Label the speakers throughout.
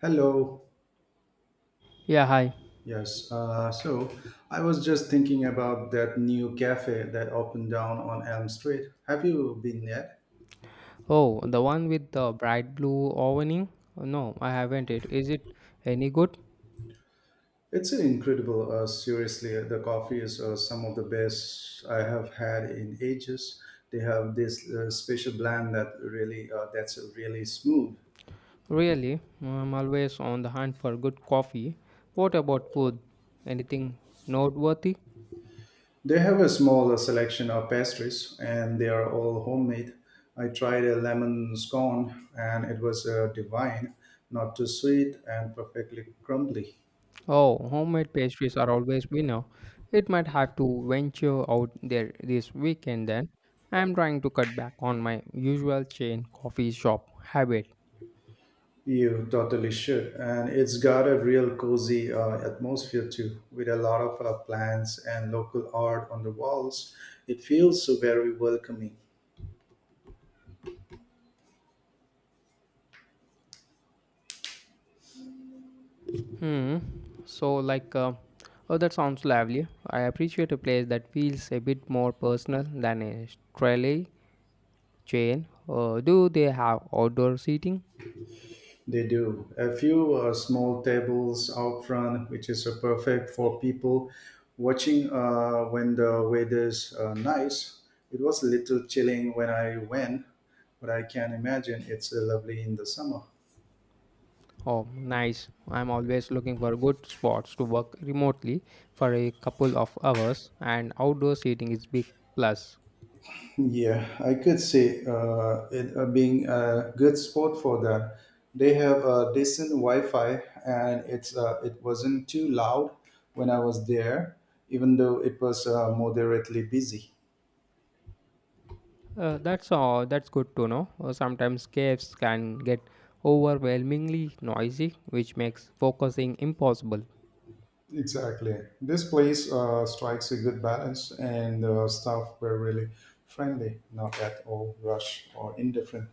Speaker 1: Hello.
Speaker 2: Yeah, hi.
Speaker 1: Yes. So I was just thinking about that new cafe that opened down on Elm Street. Have you been yet?
Speaker 2: Oh, the one with the bright blue awning? No, I haven't it. Is it any good?
Speaker 1: It's an incredible. Seriously, the coffee is some of the best I have had in ages. They have this special blend that really that's really smooth.
Speaker 2: Really? I'm always on the hunt for good coffee. What about food? Anything noteworthy?
Speaker 1: They have a small selection of pastries, and they are all homemade. I tried a lemon scone, and it was divine, not too sweet and perfectly crumbly.
Speaker 2: Oh, homemade pastries are always winner. It might have to venture out there this weekend then. I'm trying to cut back on my usual chain coffee shop habit.
Speaker 1: You totally should. And it's got a real cozy atmosphere too, with a lot of plants and local art on the walls. It feels so very welcoming.
Speaker 2: Hmm. So, like, uh, oh, that sounds lovely. I appreciate a place that feels a bit more personal than a trolley chain. Do they have outdoor seating?
Speaker 1: They do. A few small tables out front, which is perfect for people watching when the weather's nice. It was a little chilling when I went, but I can imagine it's lovely in the summer.
Speaker 2: Oh, nice. I'm always looking for good spots to work remotely for a couple of hours, and outdoor seating is big plus.
Speaker 1: Yeah, I could see it being a good spot for that. They have decent Wi-Fi, and it wasn't too loud when I was there, even though it was moderately busy.
Speaker 2: That's all. That's good to know. Sometimes caves can get overwhelmingly noisy, which makes focusing impossible.
Speaker 1: Exactly, this place strikes a good balance, and the staff were really friendly, not at all rush or indifferent.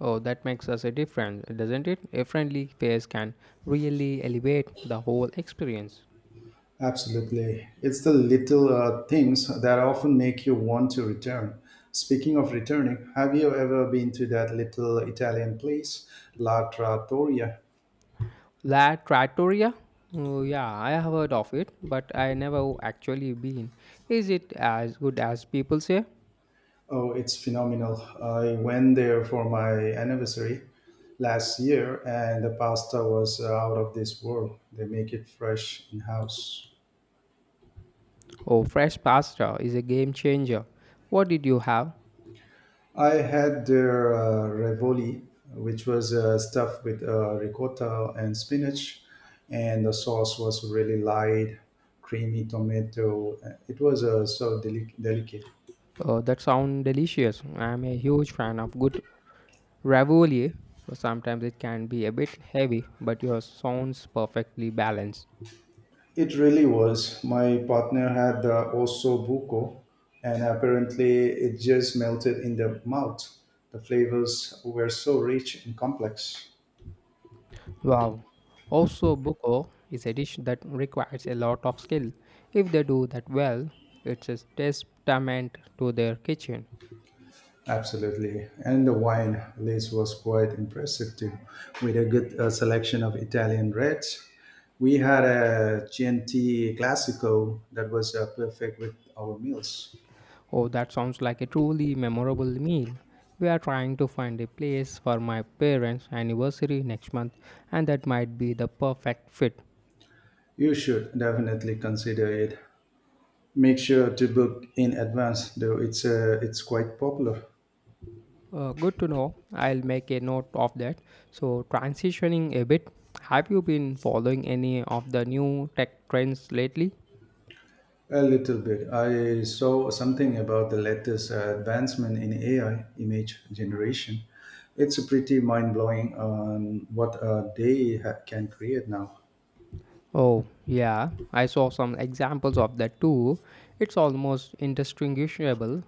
Speaker 2: Oh, that makes us a difference, doesn't it? A friendly face can really elevate the whole experience.
Speaker 1: Absolutely. It's the little things that often make you want to return. Speaking of returning, have you ever been to that little Italian place, La Trattoria?
Speaker 2: La Trattoria? Oh, yeah, I have heard of it, but I never actually been. Is it as good as people say?
Speaker 1: Oh, it's phenomenal. I went there for my anniversary last year and the pasta was out of this world. They make it fresh in house.
Speaker 2: Oh, fresh pasta is a game changer. What did you have?
Speaker 1: I had their ravioli, which was stuffed with ricotta and spinach, and the sauce was really light, creamy tomato. It was so delicate.
Speaker 2: Oh, that sounds delicious. I'm a huge fan of good ravioli. So sometimes it can be a bit heavy, but yours sounds perfectly balanced.
Speaker 1: It really was. My partner had the osso buco, and apparently it just melted in the mouth. The flavors were so rich and complex.
Speaker 2: Wow. Also, buko is a dish that requires a lot of skill. If they do that well, it's a testament to their kitchen.
Speaker 1: Absolutely. And the wine list was quite impressive too, with a good selection of Italian reds. We had a Chianti Classico that was perfect with our meals.
Speaker 2: Oh, that sounds like a truly memorable meal. We are trying to find a place for my parents' anniversary next month, and that might be the perfect fit.
Speaker 1: You should definitely consider it. Make sure to book in advance, though it's quite popular.
Speaker 2: Good to know. I'll make a note of that. So, transitioning a bit, have you been following any of the new tech trends lately?
Speaker 1: A little bit. I saw something about the latest advancement in AI image generation. It's pretty mind blowing on what can create now.
Speaker 2: Oh, yeah, I saw some examples of that too. It's almost indistinguishable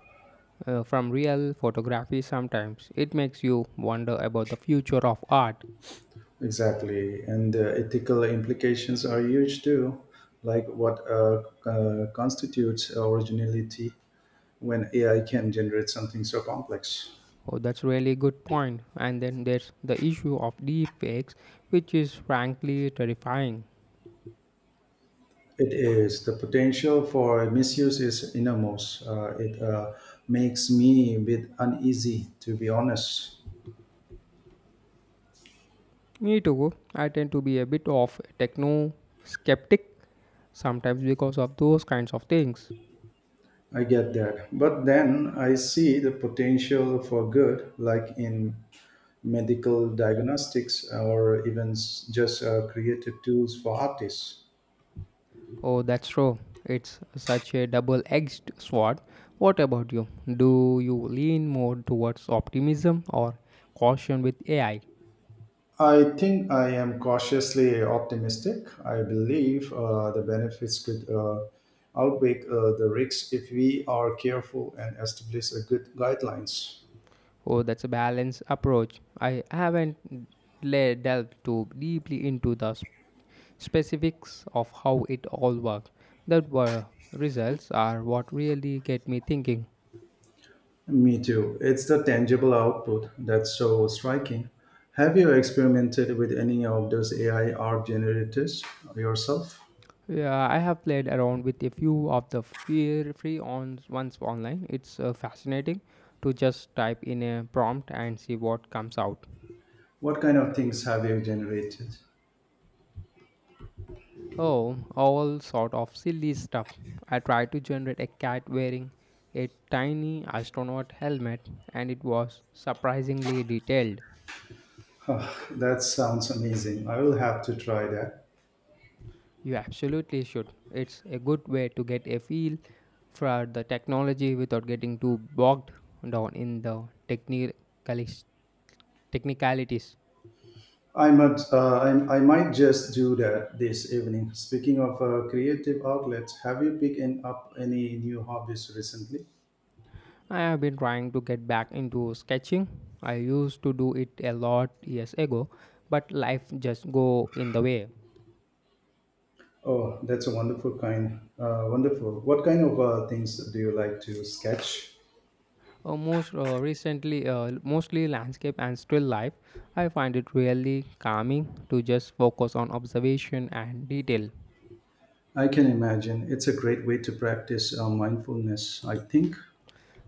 Speaker 2: from real photography sometimes. It makes you wonder about the future of art.
Speaker 1: Exactly. And the ethical implications are huge too, like what constitutes originality when AI can generate something so complex.
Speaker 2: Oh, that's really good point. And then there's the issue of deepfakes, which is frankly terrifying.
Speaker 1: It is. The potential for misuse is enormous. It makes me a bit uneasy, to be honest.
Speaker 2: Me too. I tend to be a bit of a techno skeptic sometimes because of those kinds of things.
Speaker 1: I get that. But then I see the potential for good, like in medical diagnostics or just creative tools for artists.
Speaker 2: Oh, that's true. It's such a double edged sword. What about you? Do you lean more towards optimism or caution with AI?
Speaker 1: I think I am cautiously optimistic. I believe the benefits could outweigh the risks if we are careful and establish a good guidelines.
Speaker 2: Oh, that's a balanced approach. I haven't delved too deeply into the specifics of how it all works. The were results are what really get me thinking.
Speaker 1: Me too. It's the tangible output that's so striking. Have you experimented with any of those AI art generators yourself?
Speaker 2: Yeah, I have played around with a few of the fear free on ones online. It's fascinating to just type in a prompt and see what comes out.
Speaker 1: What kind of things have you generated?
Speaker 2: Oh, all sort of silly stuff. I tried to generate a cat wearing a tiny astronaut helmet and it was surprisingly detailed.
Speaker 1: Ah, that sounds amazing. I will have to try that.
Speaker 2: You absolutely should. It's a good way to get a feel for the technology without getting too bogged down in the technicalities.
Speaker 1: I might, I might just do that this evening. Speaking of creative outlets, have you picked up any new hobbies recently?
Speaker 2: I have been trying to get back into sketching. I used to do it a lot years ago, but life just go in the way.
Speaker 1: Oh, that's a wonderful. What kind of things do you like to sketch?
Speaker 2: Most Recently, mostly landscape and still life. I find it really calming to just focus on observation and detail.
Speaker 1: I can imagine. It's a great way to practice mindfulness, I think.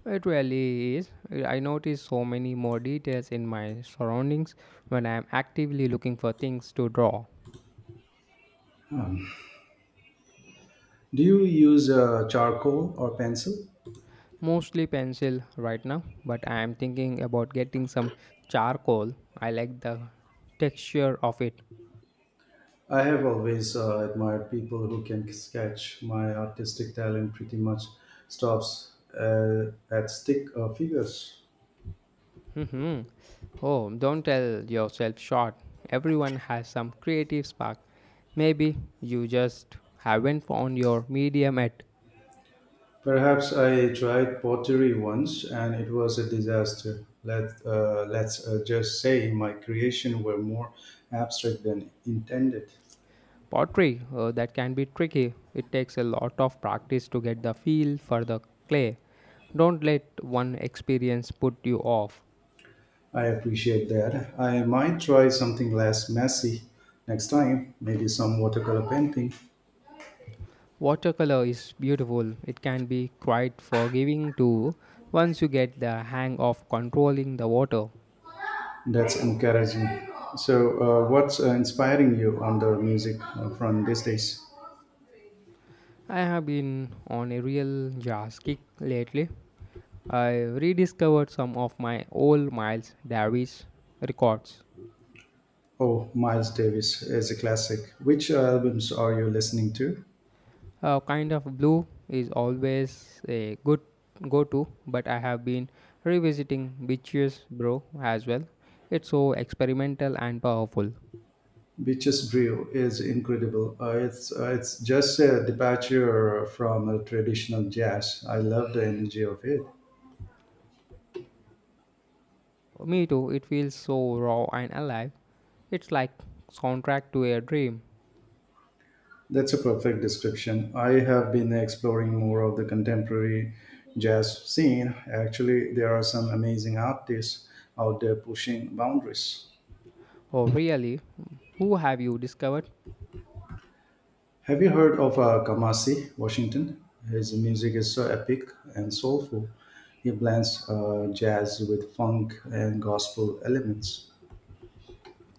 Speaker 2: It really is. I notice so many more details in my surroundings when I am actively looking for things to draw.
Speaker 1: Do you use charcoal or pencil?
Speaker 2: Mostly pencil right now, but I am thinking about getting some charcoal. I like the texture of it.
Speaker 1: I have always admired people who can sketch. My artistic talent pretty much stops at stick figures.
Speaker 2: Mhm. Oh, don't tell yourself short. Everyone has some creative spark. Maybe you just haven't found your medium yet.
Speaker 1: Perhaps I tried pottery once and it was a disaster. Let's just say my creation were more abstract than intended.
Speaker 2: Pottery. That can be tricky. It takes a lot of practice to get the feel for the clay. Don't let one experience put you off.
Speaker 1: I appreciate that. I might try something less messy next time, maybe some watercolor painting.
Speaker 2: Watercolor is beautiful. It can be quite forgiving too once you get the hang of controlling the water.
Speaker 1: That's encouraging. So, what's inspiring you on the music front these days?
Speaker 2: I have been on a real jazz kick lately. I rediscovered some of my old Miles Davis records.
Speaker 1: Oh, Miles Davis is a classic. Which albums are you listening to?
Speaker 2: A kind of blue is always a good go to, but I have been revisiting Beaches Bro as well. It's so experimental and powerful.
Speaker 1: Beaches Brew is incredible. It's just a departure from a traditional jazz. I love the energy of it.
Speaker 2: Me too, it feels so raw and alive. It's like soundtrack to a dream.
Speaker 1: That's a perfect description. I have been exploring more of the contemporary jazz scene. Actually, there are some amazing artists out there pushing boundaries.
Speaker 2: Oh, really? Who have you discovered?
Speaker 1: Have you heard of Kamasi Washington? His music is so epic and soulful. He blends jazz with funk and gospel elements.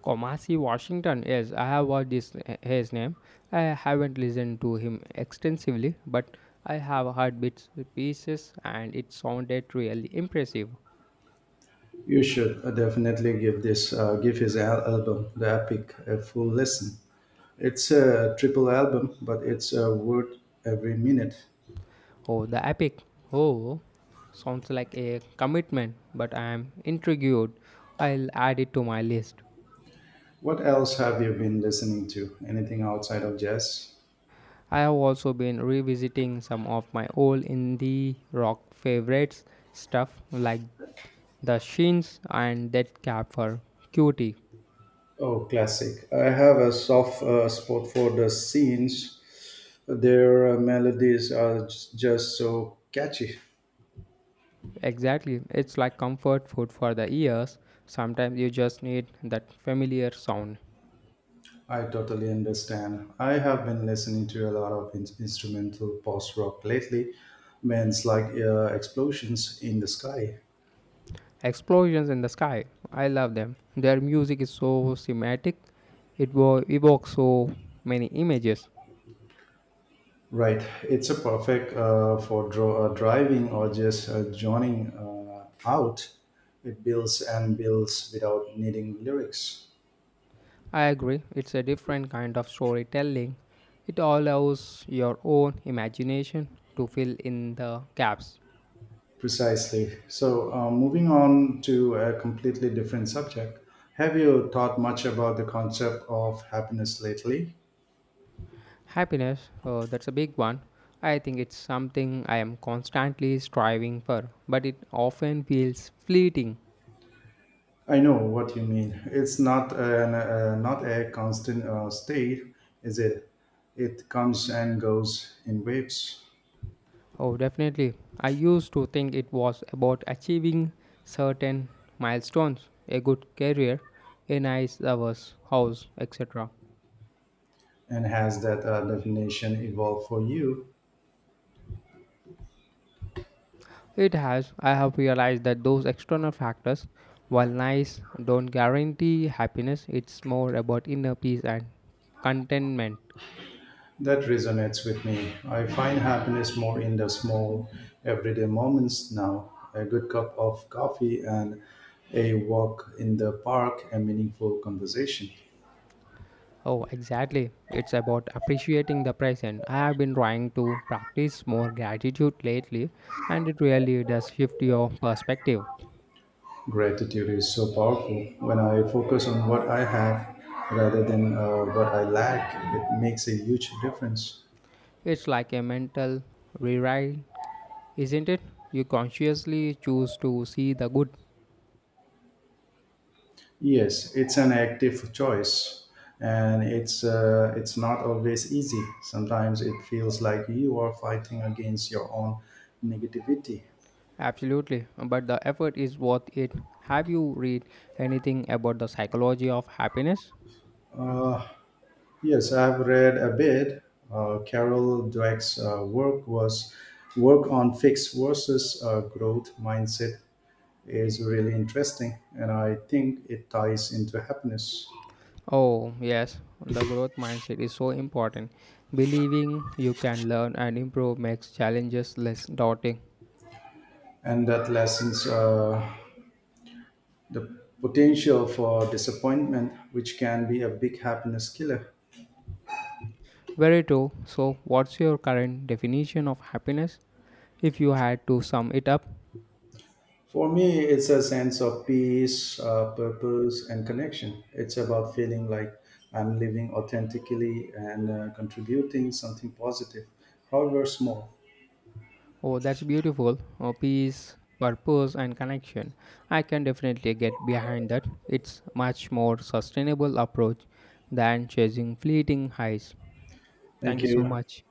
Speaker 2: Komasi Washington. Yes, I have heard this his name. I haven't listened to him extensively, but I have heard bits pieces, and it sounded really impressive.
Speaker 1: You should definitely give his album The Epic a full listen. It's a triple album, but it's worth every minute.
Speaker 2: Oh, the epic. Oh, sounds like a commitment, but I am intrigued. I'll add it to my list.
Speaker 1: What else have you been listening to? Anything outside of jazz?
Speaker 2: I have also been revisiting some of my old indie rock favorites stuff like The sheens and that cap for cutie.
Speaker 1: Oh, classic. I have a soft spot for the scenes. Their melodies are just so catchy.
Speaker 2: Exactly. It's like comfort food for the ears. Sometimes you just need that familiar sound.
Speaker 1: I totally understand. I have been listening to a lot of instrumental post rock lately, bands like Explosions in the Sky.
Speaker 2: Explosions in the sky. I love them. Their music is so cinematic. Evokes so many images.
Speaker 1: Right. It's a perfect for driving or just joining out. It builds and builds without needing lyrics.
Speaker 2: I agree. It's a different kind of storytelling. It allows your own imagination to fill in the gaps.
Speaker 1: Precisely. So, moving on to a completely different subject. Have you thought much about the concept of happiness lately?
Speaker 2: Happiness, oh, that's a big one. I think it's something I am constantly striving for, but it often feels fleeting.
Speaker 1: I know what you mean. It's not a constant state, is it? It comes and goes in waves.
Speaker 2: Oh, definitely. I used to think it was about achieving certain milestones, a good career, a nice house, etc.
Speaker 1: And has that definition evolved for you?
Speaker 2: It has, I have realized that those external factors, while nice, don't guarantee happiness. It's more about inner peace and contentment.
Speaker 1: That resonates with me. I find happiness more in the small, everyday moments now. A good cup of coffee and a walk in the park, a meaningful conversation.
Speaker 2: Oh, exactly. It's about appreciating the present. I have been trying to practice more gratitude lately, and it really does shift your perspective.
Speaker 1: Gratitude is so powerful. When I focus on what I have rather than what I lack, it makes a huge difference.
Speaker 2: It's like a mental rewrite, isn't it? You consciously choose to see the good.
Speaker 1: Yes, it's an active choice, and it's not always easy. Sometimes it feels like you are fighting against your own negativity.
Speaker 2: Absolutely, but the effort is worth it. Have you read anything about the psychology of happiness?
Speaker 1: Uh, yes, I've read a bit. Carol Dweck's work on fixed versus growth mindset is really interesting, and I think it ties into happiness
Speaker 2: Oh, yes, the growth mindset is so important. Believing you can learn and improve makes challenges less daunting.
Speaker 1: and that lessens the potential for disappointment, which can be a big happiness killer.
Speaker 2: Very true. So, what's your current definition of happiness if you had to sum it up?
Speaker 1: For me, it's a sense of peace, purpose, and connection. It's about feeling like I'm living authentically and contributing something positive, however small.
Speaker 2: Oh, that's beautiful. Oh, peace, purpose, and connection. I can definitely get behind that. It's much more sustainable approach than chasing fleeting highs. Thank
Speaker 1: Thank
Speaker 2: you so
Speaker 1: you.
Speaker 2: much.